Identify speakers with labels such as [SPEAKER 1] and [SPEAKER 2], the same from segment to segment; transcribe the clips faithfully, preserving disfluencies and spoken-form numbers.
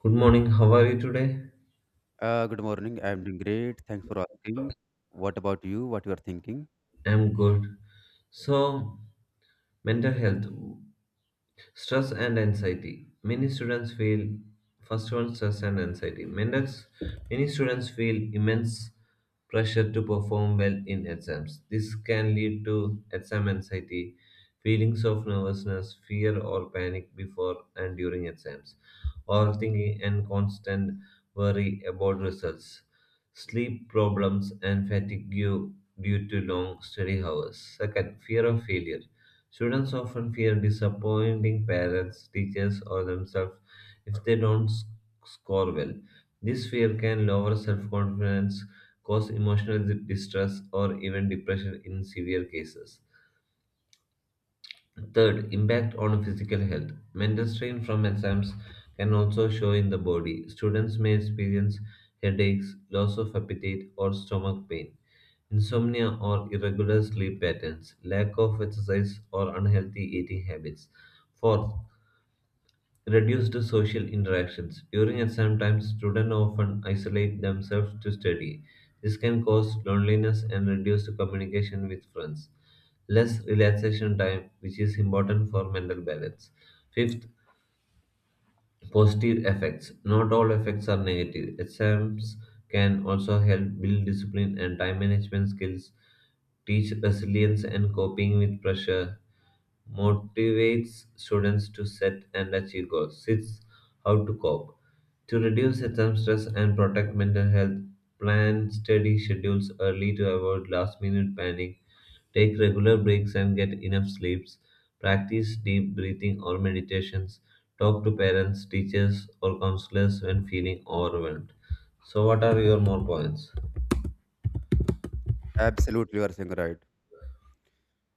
[SPEAKER 1] Good morning. How are you today?
[SPEAKER 2] Uh, good morning. I'm doing great. Thanks for asking. What about you? What you are thinking?
[SPEAKER 1] I'm good. So, mental health, stress and anxiety. Many students feel first one stress and anxiety. Mental, many students feel immense pressure to perform well in exams. This can lead to exam anxiety, feelings of nervousness, fear or panic before and during exams, overthinking and constant worry about results. Sleep problems and fatigue due to long study hours. Second, fear of failure. Students often fear disappointing parents, teachers, or themselves if they don't s- score well. This fear can lower self confidence, cause emotional distress, or even depression in severe cases. Third, impact on physical health. Mental strain from exams can also show in the body. Students may experience headaches, loss of appetite, or stomach pain, insomnia or irregular sleep patterns, lack of exercise, or unhealthy eating habits. Fourth, reduced social interactions. During exam times, students often isolate themselves to study. This can cause loneliness and reduced communication with friends. Less relaxation time, which is important for mental balance. Fifth, positive effects. Not all effects are negative. Exams can also help build discipline and time management skills, teach resilience and coping with pressure, motivates students to set and achieve goals. Six, how to cope. To reduce exam stress and protect mental health, plan steady schedules early to avoid last minute panic. Take regular breaks and get enough sleeps. Practice deep breathing or meditations. Talk to parents, teachers, or counselors when feeling overwhelmed. So, what are your more points?
[SPEAKER 2] Absolutely, you are saying right.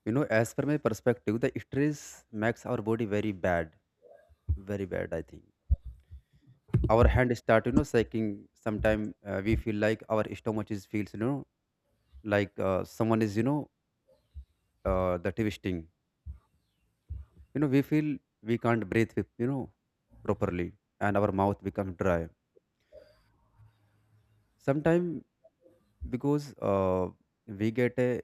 [SPEAKER 2] You know, as per my perspective, the stress makes our body very bad, very bad. I think our hand start, you know, shaking. Sometimes uh, we feel like our stomach is feels, you know, like uh, someone is, you know, uh, the twisting. You know, we feel we can't breathe, with, you know, properly, and our mouth becomes dry sometimes because uh, we get a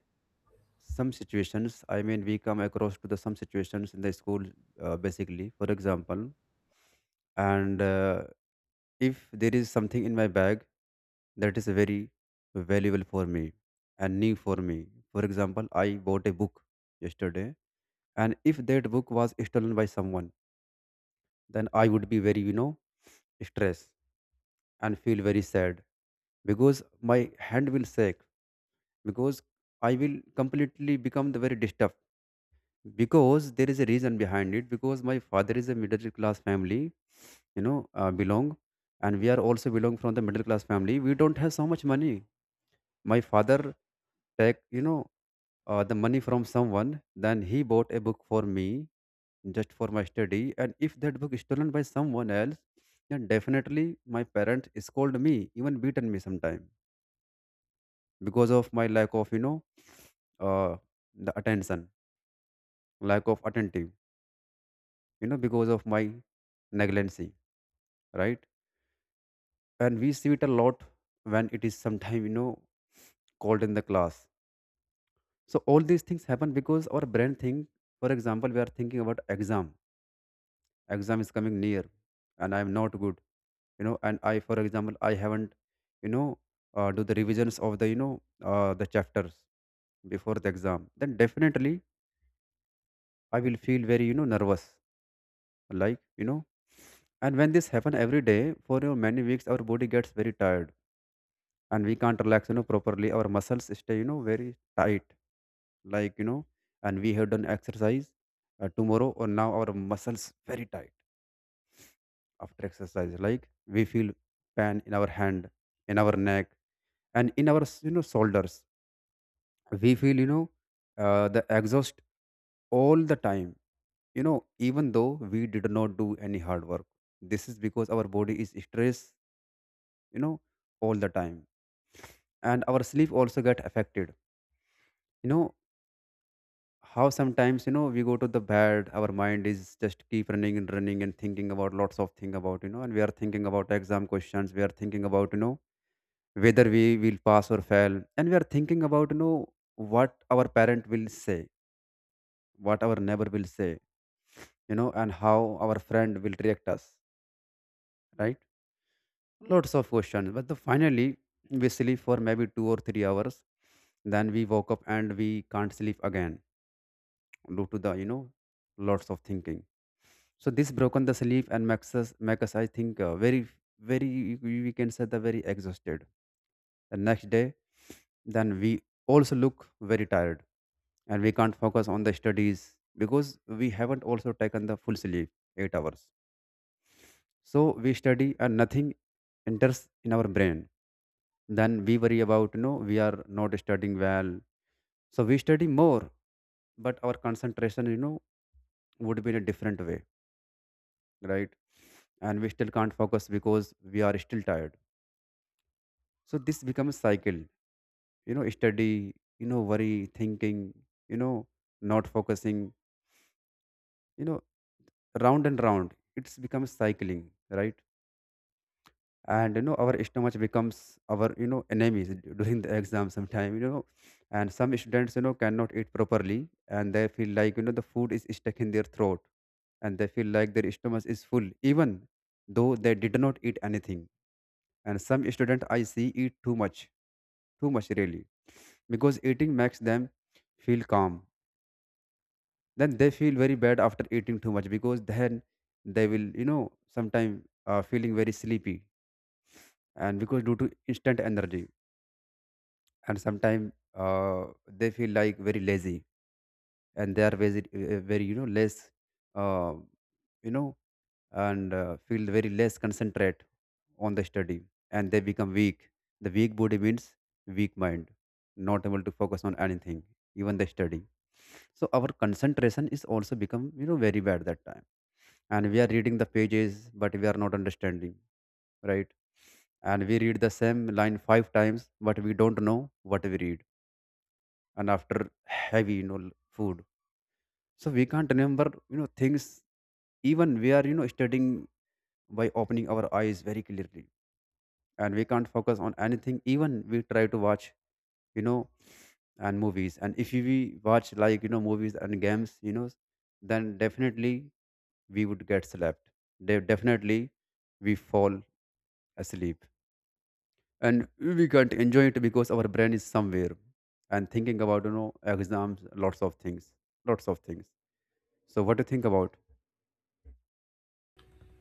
[SPEAKER 2] some situations, I mean we come across to the some situations in the school, uh, basically, for example, and uh, if there is something in my bag that is very valuable for me and new for me. For example, I bought a book yesterday, and if that book was stolen by someone, then I would be very, you know, stressed and feel very sad because my hand will shake, because I will completely become the very disturbed, because there is a reason behind it, because my father is a middle class family, you know, uh, belong, and we are also belong from the middle class family. We don't have so much money. My father take you know uh, the money from someone. Then he bought a book for me just for my study. And if that book is stolen by someone else, then definitely my parents scold me, even beaten me sometime because of my lack of, you know, uh, the attention, lack of attentive, you know, because of my negligence, right? And we see it a lot when it is sometime, you know, called in the class. So all these things happen because our brain think, for example, we are thinking about exam exam is coming near and I am not good, you know and I, for example, I haven't, you know uh, do the revisions of the, you know uh, the chapters before the exam, then definitely I will feel very, you know nervous, like you know and when this happen every day for, you know, many weeks, our body gets very tired and we can't relax, you know properly. Our muscles stay, you know very tight, like you know and we have done exercise uh, tomorrow or now. Our muscles very tight after exercise, like we feel pain in our hand, in our neck, and in our, you know shoulders. We feel, you know uh, the exhaust all the time, you know even though we did not do any hard work. This is because our body is stressed, you know all the time. And our sleep also get affected, you know how sometimes, you know we go to the bed, our mind is just keep running and running and thinking about lots of thing about, you know and we are thinking about exam questions, we are thinking about, you know whether we will pass or fail, and we are thinking about, you know what our parent will say, what our neighbor will say, you know and how our friend will react us, right? Lots of questions, but the finally we sleep for maybe two or three hours, then we woke up and we can't sleep again due to the, you know lots of thinking. So this broken the sleep and makes us make us I think uh, very very we we can say the very exhausted the next day. Then we also look very tired and we can't focus on the studies because we haven't also taken the full sleep eight hours. So we study and nothing enters in our brain. Then we worry about, you know we are not studying well, so we study more, but our concentration, you know would be in a different way, right? And we still can't focus because we are still tired. So this becomes cycle, you know, study, you know, worry, thinking, you know, not focusing, you know, round and round. It's becomes cycling, right? And you know, our stomach becomes our, you know, enemies d- during the exam sometime, you know. And some students, you know, cannot eat properly and they feel like, you know, the food is stuck in their throat, and they feel like their stomach is full, even though they did not eat anything. And some student I see eat too much too much really, because eating makes them feel calm. Then they feel very bad after eating too much, because then they will, you know sometime uh, feeling very sleepy, and because due to instant energy. And sometimes, uh, they feel like very lazy, and they are very, uh, very, you know less, uh, you know and uh, feel very less concentrate on the study, and they become weak. The weak body means weak mind, not able to focus on anything, even the study. So our concentration is also become, you know very bad that time, and we are reading the pages but we are not understanding, right? And we read the same line five times but we don't know what we read, and after heavy, you know food. So we can't remember, you know things, even we are, you know studying by opening our eyes very clearly, and we can't focus on anything even we try to watch, you know and movies. And if we watch like, you know movies and games, you know then definitely we would get slept. De- definitely we fall asleep, and we can't enjoy it because our brain is somewhere and thinking about, you know exams, lots of things, lots of things. So what do you think about?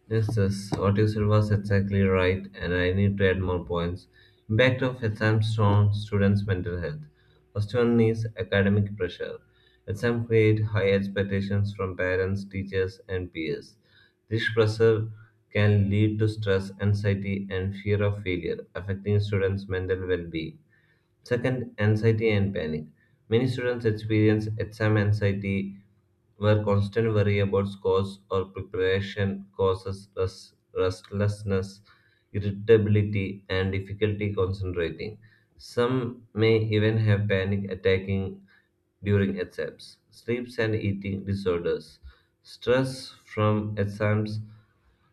[SPEAKER 1] Yes, yes, what you said was exactly right, and I need to add more points. Impact of exams on students' mental health. First one is academic pressure. Exams create high expectations from parents, teachers, and peers. This pressure can lead to stress, anxiety, and fear of failure, affecting students' mental well-being. Second, anxiety and panic. Many students experience exam anxiety where constant worry about scores or preparation causes rest- restlessness, irritability, and difficulty concentrating. Some may even have panic attacking during exams, sleeps and eating disorders, stress from exams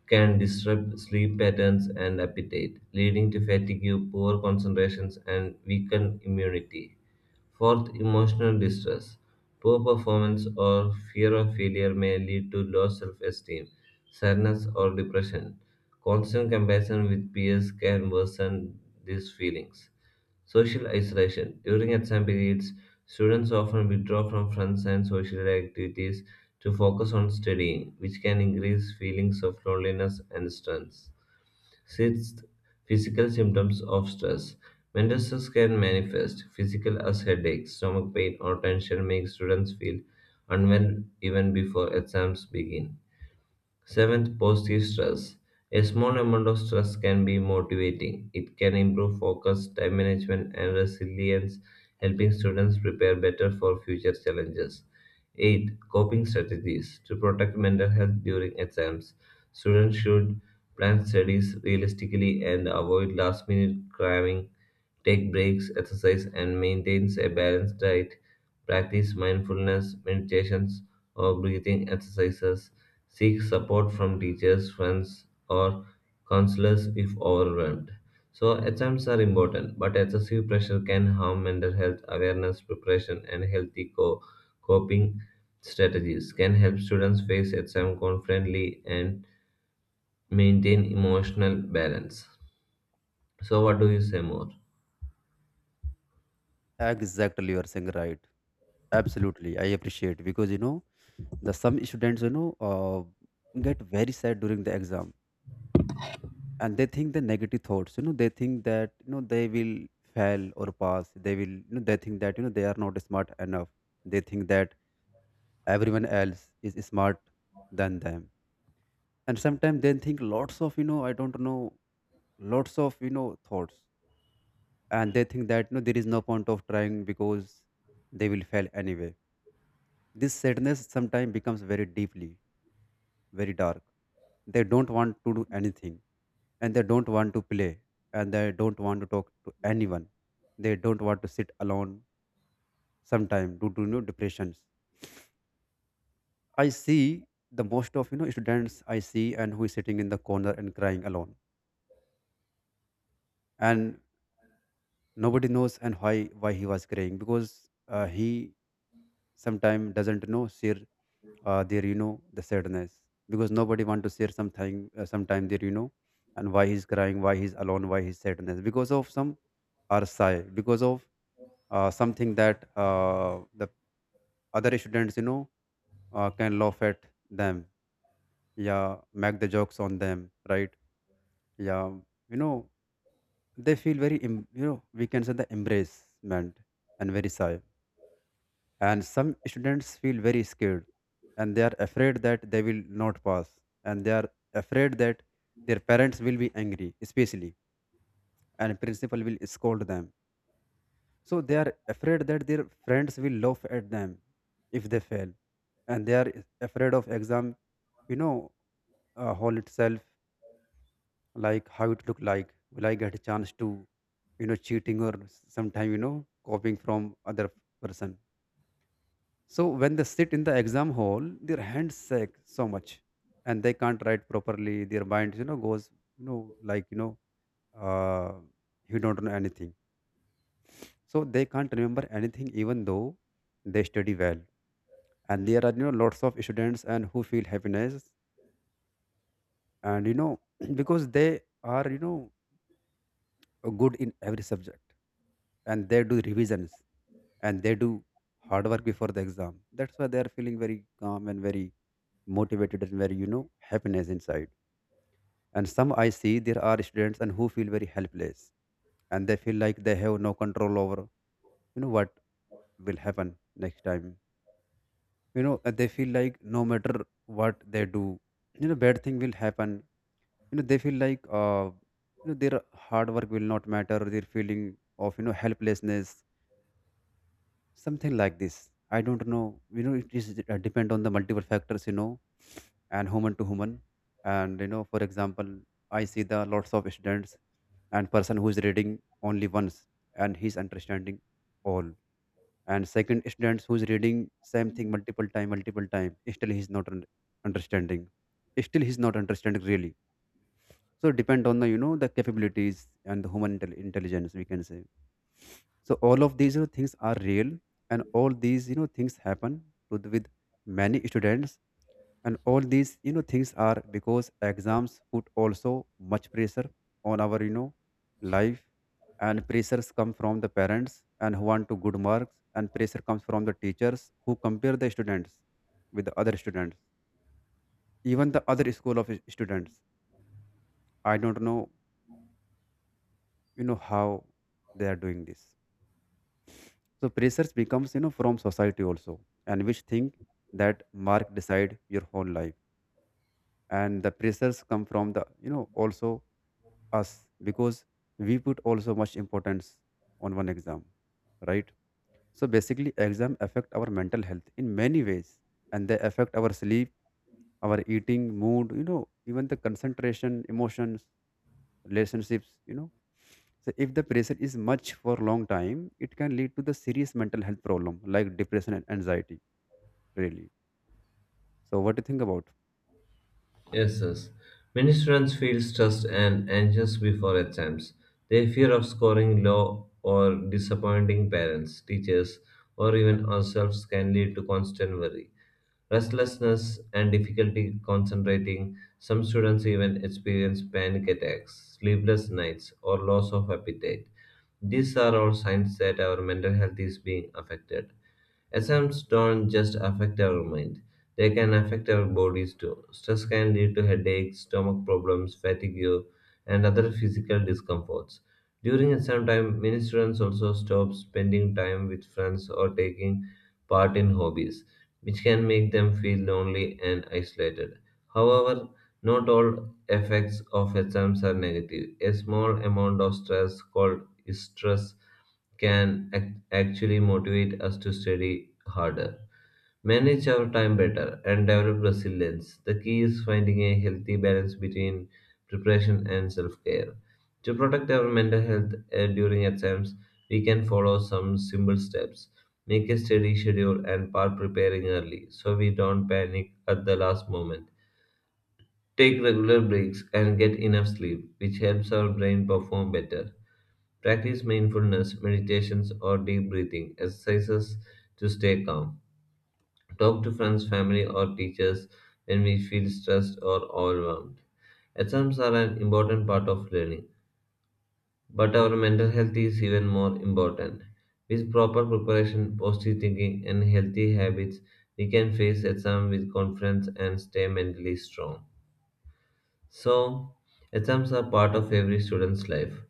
[SPEAKER 1] can disrupt sleep patterns and appetite, leading to fatigue, poor concentrations, and weakened immunity. Fourth, emotional distress. Poor performance or fear of failure may lead to low self esteem, sadness, or depression. Constant comparison with peers can worsen these feelings. Social isolation. During exam periods, students often withdraw from friends and social activities to focus on studying, which can increase feelings of loneliness and stress. Sixth, physical symptoms of stress. Mental stress can manifest physical as headaches, stomach pain, or tension, make students feel unwell even before exams begin. Seventh, positive stress. A small amount of stress can be motivating. It can improve focus, time management, and resilience, helping students prepare better for future challenges. Eight, coping strategies. To protect mental health during exams, students should plan studies realistically and avoid last minute cramming, take breaks, exercise, and maintain a balanced diet. Practice mindfulness meditations or breathing exercises. Seek support from teachers, friends, or counselors if overwhelmed. So, exams are important, but excessive pressure can harm mental health. Awareness, preparation, and healthy co- coping strategies can help students face exam confidently and maintain emotional balance. So, what do you say more?
[SPEAKER 2] Exactly you are saying right. Absolutely I appreciate, because, you know the some students, you know uh, get very sad during the exam, and they think the negative thoughts, you know they think that, you know they will fail or pass, they will, you know, they think that, you know they are not smart enough, they think that everyone else is smart than them. And sometimes they think lots of, you know I don't know, lots of, you know thoughts, and they think that, you know there is no point of trying because they will fail anyway. This sadness sometimes becomes very deeply, very dark. They don't want to do anything, and they don't want to play, and they don't want to talk to anyone. They don't want to sit alone sometime due to, you know, depressions. I see the most of, you know students I see and who is sitting in the corner and crying alone. And nobody knows, and why why he was crying, because uh, he sometimes doesn't know share uh, their, you know the sadness, because nobody want to share something, uh, sometime their, you know and why he's crying, why he's alone, why he's sadness, because of some or sigh because of uh, something that uh, the other students, you know uh, can laugh at them, yeah, make the jokes on them, right? Yeah. you know they feel very em- you know we can say the embracement, and very shy. And some students feel very scared, and they are afraid that they will not pass, and they are afraid that their parents will be angry especially, and principal will scold them. So they are afraid that their friends will laugh at them if they fail. And they are afraid of exam, you know uh, hall itself, like how it look like. Will I get a chance to, you know cheating, or sometime, you know copying from other person? So when they sit in the exam hall, their hands shake so much, and they can't write properly. Their mind, you know goes, you know like you know uh you don't know anything, so they can't remember anything even though they study well. And there are, you know lots of students and who feel happiness, and, you know because they are, you know good in every subject, and they do revisions, and they do hard work before the exam. That's why they are feeling very calm and very motivated and very, you know happiness inside. And some I see there are students and who feel very helpless, and they feel like they have no control over, you know what will happen next time, you know and they feel like no matter what they do, you know bad thing will happen. you know they feel like uh you know their hard work will not matter, their feeling of, you know helplessness. Something like this, I don't know, you know it is uh, depend on the multiple factors, you know and human to human. And, you know for example, I see the lots of students and person who is reading only once and he's understanding all. And second students who is reading same thing multiple time multiple time, still he's not un- understanding, still he's not understanding really. So depend on the, you know the capabilities and the human intel- intelligence, we can say So all of these, you know, things are real. And all these you know things happen to the, with many students. And all these you know things are because exams put also much pressure on our you know life. And pressures come from the parents and who want to good marks, and pressure comes from the teachers who compare the students with the other students, even the other school of students. I don't know you know how they are doing this. So pressures becomes, you know from society also, and which think that mark decide your whole life. And the pressures come from the, you know also us, because we put also much importance on one exam, right? So basically, exam affect our mental health in many ways. And they affect our sleep, our eating mood, you know even the concentration, emotions, relationships you know So if the pressure is much for long time, it can lead to the serious mental health problem like depression and anxiety, really. So what do you think about?
[SPEAKER 1] Yes, yes. Many students feel stressed and anxious before exams. They fear of scoring low or disappointing parents, teachers, or even ourselves can lead to constant worry, restlessness, and difficulty concentrating. Some students even experience panic attacks, sleepless nights, or loss of appetite. These are all signs that our mental health is being affected. Exams don't just affect our mind. They can affect our bodies too. Stress can lead to headaches, stomach problems, fatigue, and other physical discomforts. During exam time, many students also stop spending time with friends or taking part in hobbies, which can make them feel lonely and isolated. However, not all effects of exams are negative. A small amount of stress called stress can act- actually motivate us to study harder. Manage our time better and develop resilience. The key is finding a healthy balance between preparation and self care. To protect our mental health uh, during exams, we can follow some simple steps. Make a steady schedule and start preparing early so we don't panic at the last moment. Take regular breaks and get enough sleep, which helps our brain perform better. Practice mindfulness, meditations, or deep breathing exercises to stay calm. Talk to friends, family, or teachers when we feel stressed or overwhelmed. Exams are an important part of learning, but our mental health is even more important. With proper preparation, positive thinking, and healthy habits, we can face exams with confidence and stay mentally strong. So, exams are part of every student's life.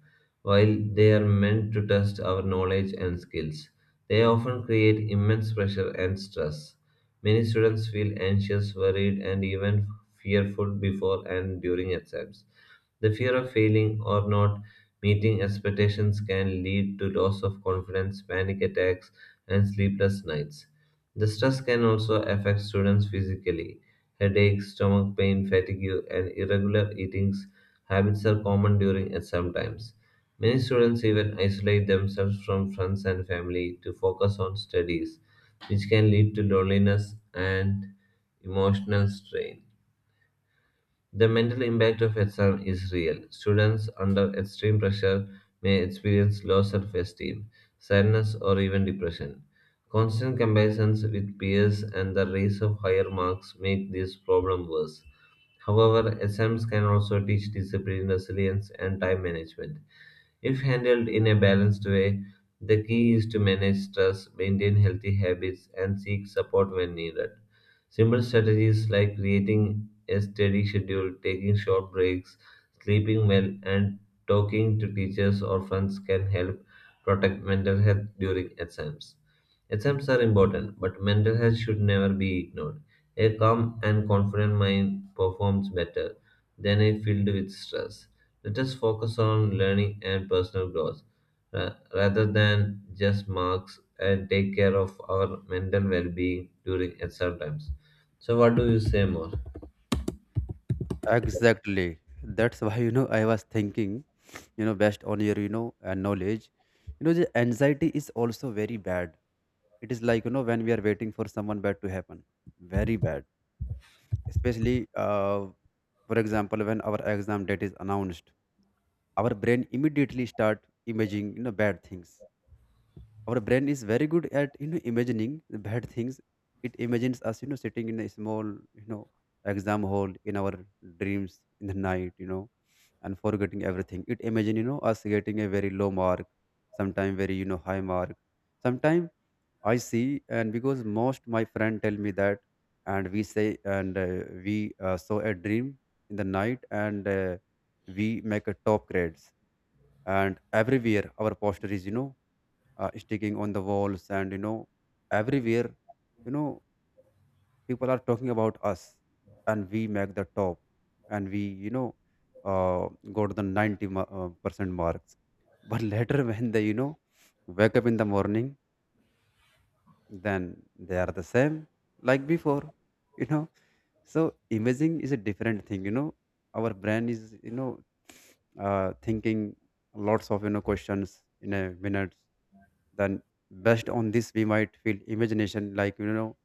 [SPEAKER 1] While they are meant to test our knowledge and skills, they often create immense pressure and stress. Many students feel anxious, worried, and even fearful before and during exams. The fear of failing or not meeting expectations can lead to loss of confidence, panic attacks, and sleepless nights. The stress can also affect students physically. Headaches, stomach pain, fatigue, and irregular eating habits are common during exam times. Many students even isolate themselves from friends and family to focus on studies, which can lead to loneliness and emotional strain. The mental impact of exam is real. Students under extreme pressure may experience low self-esteem, sadness, or even depression. Constant comparisons with peers and the race of higher marks make this problem worse. However, exams can also teach discipline, resilience, and time management. If handled in a balanced way, the key is to manage stress, maintain healthy habits, and seek support when needed. Simple strategies like creating a steady schedule, taking short breaks, sleeping well, and talking to teachers or friends can help protect mental health during exams. Exams are important, but mental health should never be ignored. A calm and confident mind performs better than a filled with stress. Let us focus on learning and personal growth ra- rather than just marks and take care of our mental well being during exam times. So, what do you say more?
[SPEAKER 2] Exactly. That's why, you know, I was thinking, you know, based on your, you know, uh, knowledge, you know, the anxiety is also very bad. It is like, you know, when we are waiting for someone bad to happen, very bad. Especially, uh, for example, when our exam date is announced, our brain immediately start imaging, you know, bad things. Our brain is very good at you know imagining the bad things. It imagines us you know sitting in a small, you know exam hall in our dreams in the night you know and forgetting everything. It imagine you know us getting a very low mark sometime, very you know high mark sometime. I see. And because most my friend tell me that, and we say, and uh, we uh, saw a dream in the night, and uh, we make a top grades, and everywhere our poster is, you know uh, sticking on the walls. And, you know everywhere, you know people are talking about us. And we make the top. And we, you know uh, go to the 90 ma- uh, percent marks. But later when they, you know wake up in the morning, then they are the same like before you know so imaging is a different thing, you know. Our brain is, you know, uh, thinking lots of you know questions in a minute. Then based on this, we might feel imagination, like, you know,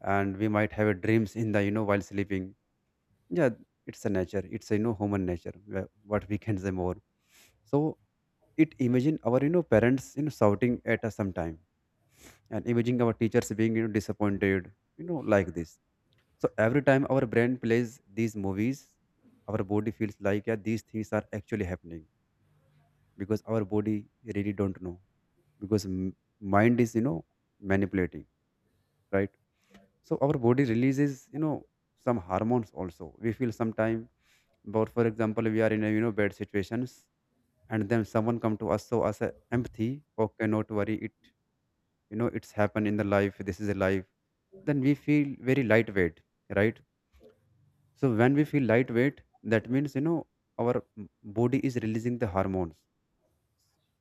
[SPEAKER 2] and we might have a dreams in the, you know while sleeping. Yeah, it's a nature. It's a, you know human nature. wh- What we can say more. So it imagine our, you know parents, you know shouting at us sometime, and imagine our teachers being, you know disappointed, you know, like this. So every time our brain plays these movies, our body feels like, yeah, these things are actually happening, because our body really don't know, because m- mind is, you know manipulating, right? So our body releases you know some hormones also. We feel sometime, but for example, we are in a, you know bad situations, and then someone come to us so us a empathy. Okay, not worry. It you know it's happened in the life. This is a life. Then we feel very lightweight, right? So when we feel lightweight, that means, you know our m- body is releasing the hormones.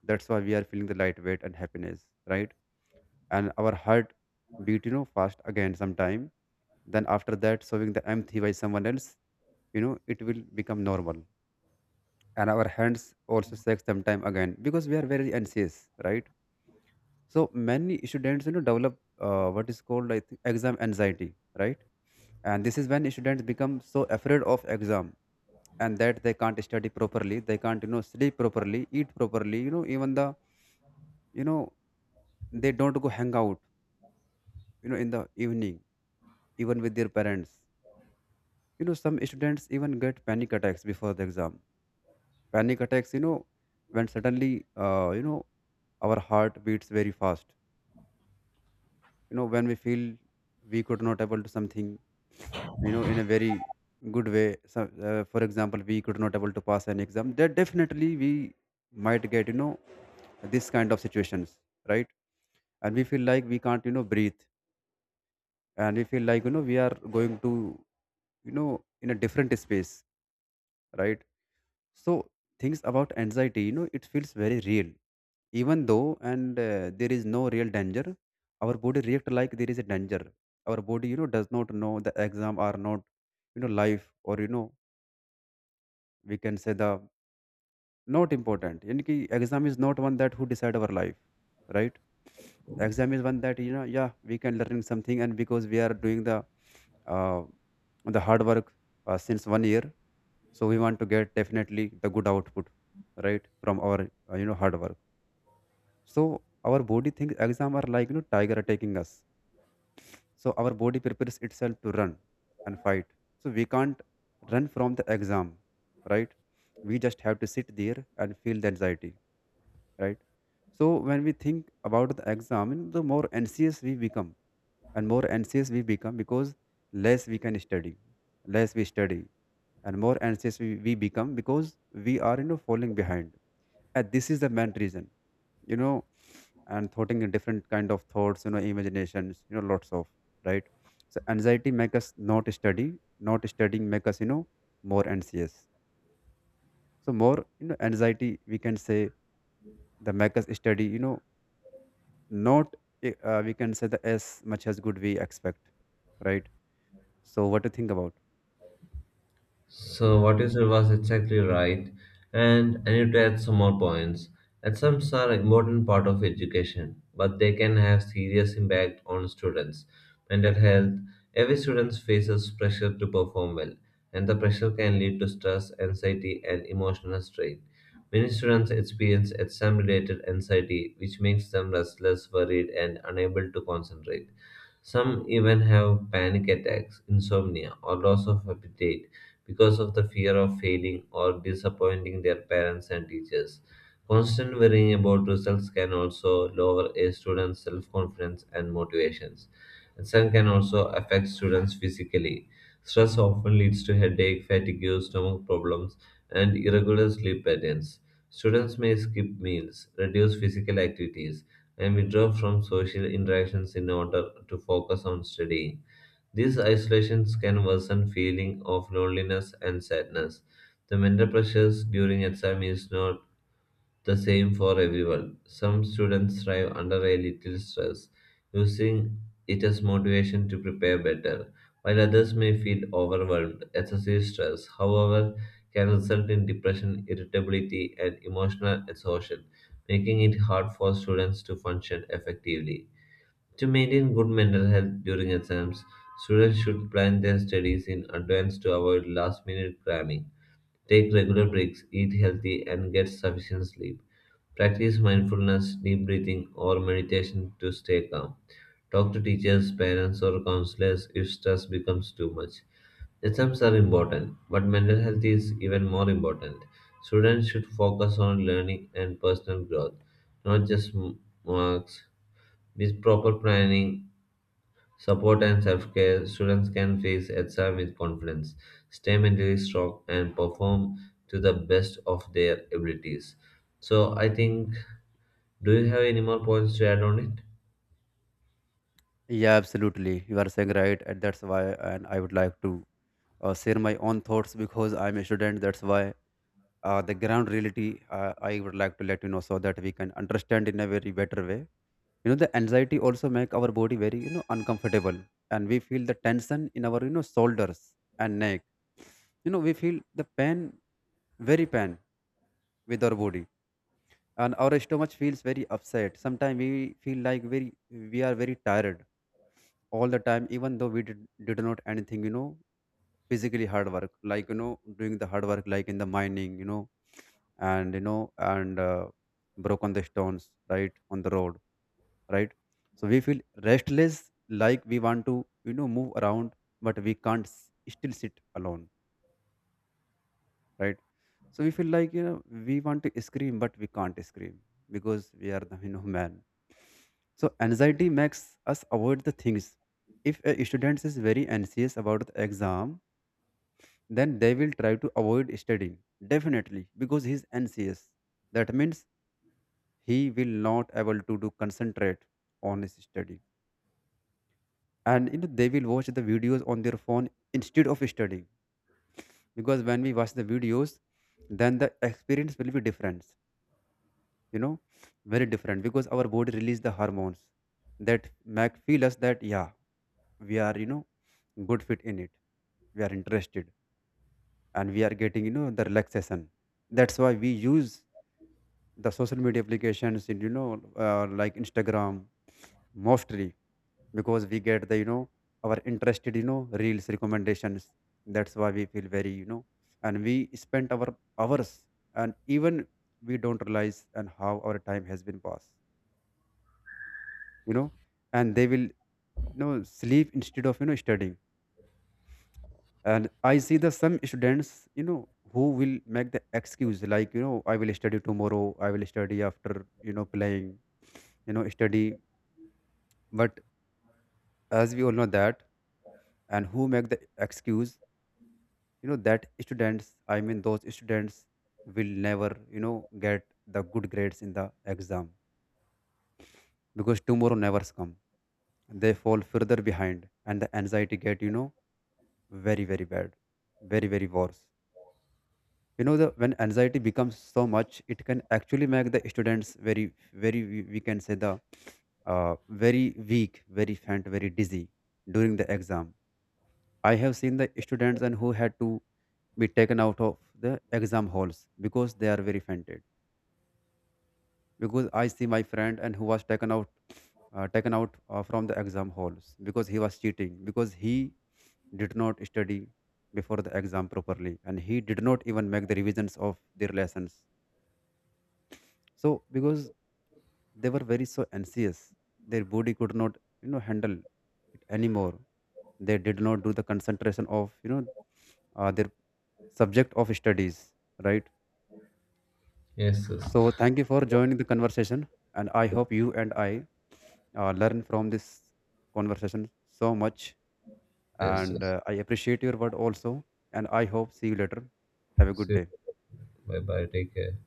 [SPEAKER 2] That's why we are feeling the lightweight and happiness, right? And our heart beat, you know fast again sometime. Then after that, showing the empathy by someone else, you know it will become normal. And our hands also shake sometime again because we are very anxious, right? So many students, you know, develop, uh, what is called, I think, exam anxiety, right? And this is when students become so afraid of exam and that they can't study properly. They can't, you know, sleep properly, eat properly, you know, even the, you know, they don't go hang out, you know, in the evening, even with their parents. You know, some students even get panic attacks before the exam. Panic attacks, you know, when suddenly, uh, you know, our heart beats very fast. You know, when we feel we could not able to something, you know in a very good way. So, uh, for example, we could not able to pass an exam, then definitely we might get, you know this kind of situations, right? And we feel like we can't, you know breathe. And we feel like, you know we are going to, you know in a different space, right? So things about anxiety, you know it feels very real, even though and uh, there is no real danger. Our body react like there is a danger. Our body, you know does not know the exam are not, you know life, or, you know we can say the not important in ki exam is not one that who decide our life, right? Exam is one that, you know yeah, we can learn something. And because we are doing the uh, the hard work, uh, since one year, so we want to get definitely the good output, right, from our, uh, you know hard work. So our body thinks exam are like, you know tiger attacking us. So our body prepares itself to run and fight. So we can't run from the exam, right? We just have to sit there and feel the anxiety, right? So when we think about the exam, the more anxious we become. And more anxious we become because less we can study, less we study, and more anxious we, we become because we are, you know falling behind. And this is the main reason, you know and thoughting in different kind of thoughts, you know imaginations, you know lots of, right? So anxiety make us not study. Not studying make us, you know more anxious. So more, you know anxiety, we can say, the make us study, you know not, eh, uh, we can say the as much as good we expect, right? So what to think about?
[SPEAKER 1] So what you said was exactly right, and I need to add some more points. Exams are an important part of education, but they can have serious impact on students' mental health. Every student faces pressure to perform well, and the pressure can lead to stress, anxiety, and emotional strain. Many students experience exam-related anxiety, which makes them restless, worried, and unable to concentrate. Some even have panic attacks, insomnia, or loss of appetite because of the fear of failing or disappointing their parents and teachers. Constant worrying about results can also lower a student's self confidence and motivations. And some can also affect students physically. Stress often leads to headache, fatigue, stomach problems, and irregular sleep patterns. Students may skip meals, reduce physical activities, and withdraw from social interactions in order to focus on studying. These isolations can worsen feeling of loneliness and sadness. The mental pressures during exam is not the same for everyone. Some students thrive under a little stress, using it as motivation to prepare better, while others may feel overwhelmed. Excessive stress, however, can result in depression, irritability, and emotional exhaustion, making it hard for students to function effectively. To maintain good mental health during exams, students should plan their studies in advance to avoid last minute cramming, take regular breaks, eat healthy, and get sufficient sleep. Practice mindfulness, deep breathing, or meditation to stay calm. Talk to teachers, parents, or counselors if stress becomes too much. Exams are important, but mental health is even more important. Students should focus on learning and personal growth, not just m- marks. With proper planning support and self-care, students can face exam with confidence, stay mentally strong, and perform to the best of their abilities. So I think, do you have any more points to add on it?
[SPEAKER 2] Yeah, absolutely, you are saying right, and that's why, and I would like to, uh, share my own thoughts because I'm a student, that's why. Uh, the ground reality, uh, I would like to let you know so that we can understand in a very better way. You know the anxiety also make our body very, you know uncomfortable, and we feel the tension in our, you know shoulders and neck. You know we feel the pain, very pain, with our body. And our stomach feels very upset. Sometimes we feel like very, we are very tired all the time, even though we did, did not anything, you know physically hard work, like, you know doing the hard work like in the mining, you know and you know and uh, broke the stones, right, on the road, right? So we feel restless, like we want to, you know move around, but we can't s- still sit alone, right? So we feel like, you know we want to scream, but we can't scream because we are the you know man. So anxiety makes us avoid the things. If a student is very anxious about the exam, then they will try to avoid studying, definitely, because he's anxious. That means he will not able to do concentrate on his study. And, you know they will watch the videos on their phone instead of studying. Because when we watch the videos, then the experience will be different, you know very different, because our body release the hormones that make feel us that, yeah, we are, you know good fit in it, we are interested, and we are getting, you know the relaxation. That's why we use the social media applications, you know uh, like Instagram mostly, because we get the, you know our interested, you know reels recommendations. That's why we feel very, you know and we spend our hours, and even we don't realize and how our time has been passed you know and they will, you know sleep instead of, you know studying. And I see the some students, you know who will make the excuse like, you know I will study tomorrow, I will study after, you know playing, you know study. But as we all know that, and who make the excuse, you know that students, I mean those students, will never, you know get the good grades in the exam, because tomorrow never come. They fall further behind, and the anxiety get, you know very very bad, very very worse. You know the when anxiety becomes so much, it can actually make the students very very, we we can say the uh, very weak, very faint, very dizzy during the exam. I have seen the students and who had to be taken out of the exam halls because they are very fainted. Because I see my friend and who was taken out, uh, taken out uh, from the exam halls because he was cheating, because he did not study before the exam properly, and he did not even make the revisions of their lessons. So because they were very so anxious, their body could not, you know handle it anymore. They did not do the concentration of, you know uh, their subject of studies, right?
[SPEAKER 1] Yes, yes.
[SPEAKER 2] So thank you for joining the conversation, and I hope you and I, uh, learn from this conversation so much.
[SPEAKER 1] Yes,
[SPEAKER 2] And,
[SPEAKER 1] yes.
[SPEAKER 2] uh, I appreciate your word also. And I hope see you later. Have a
[SPEAKER 1] See
[SPEAKER 2] good day.
[SPEAKER 1] you. Bye bye. Take care.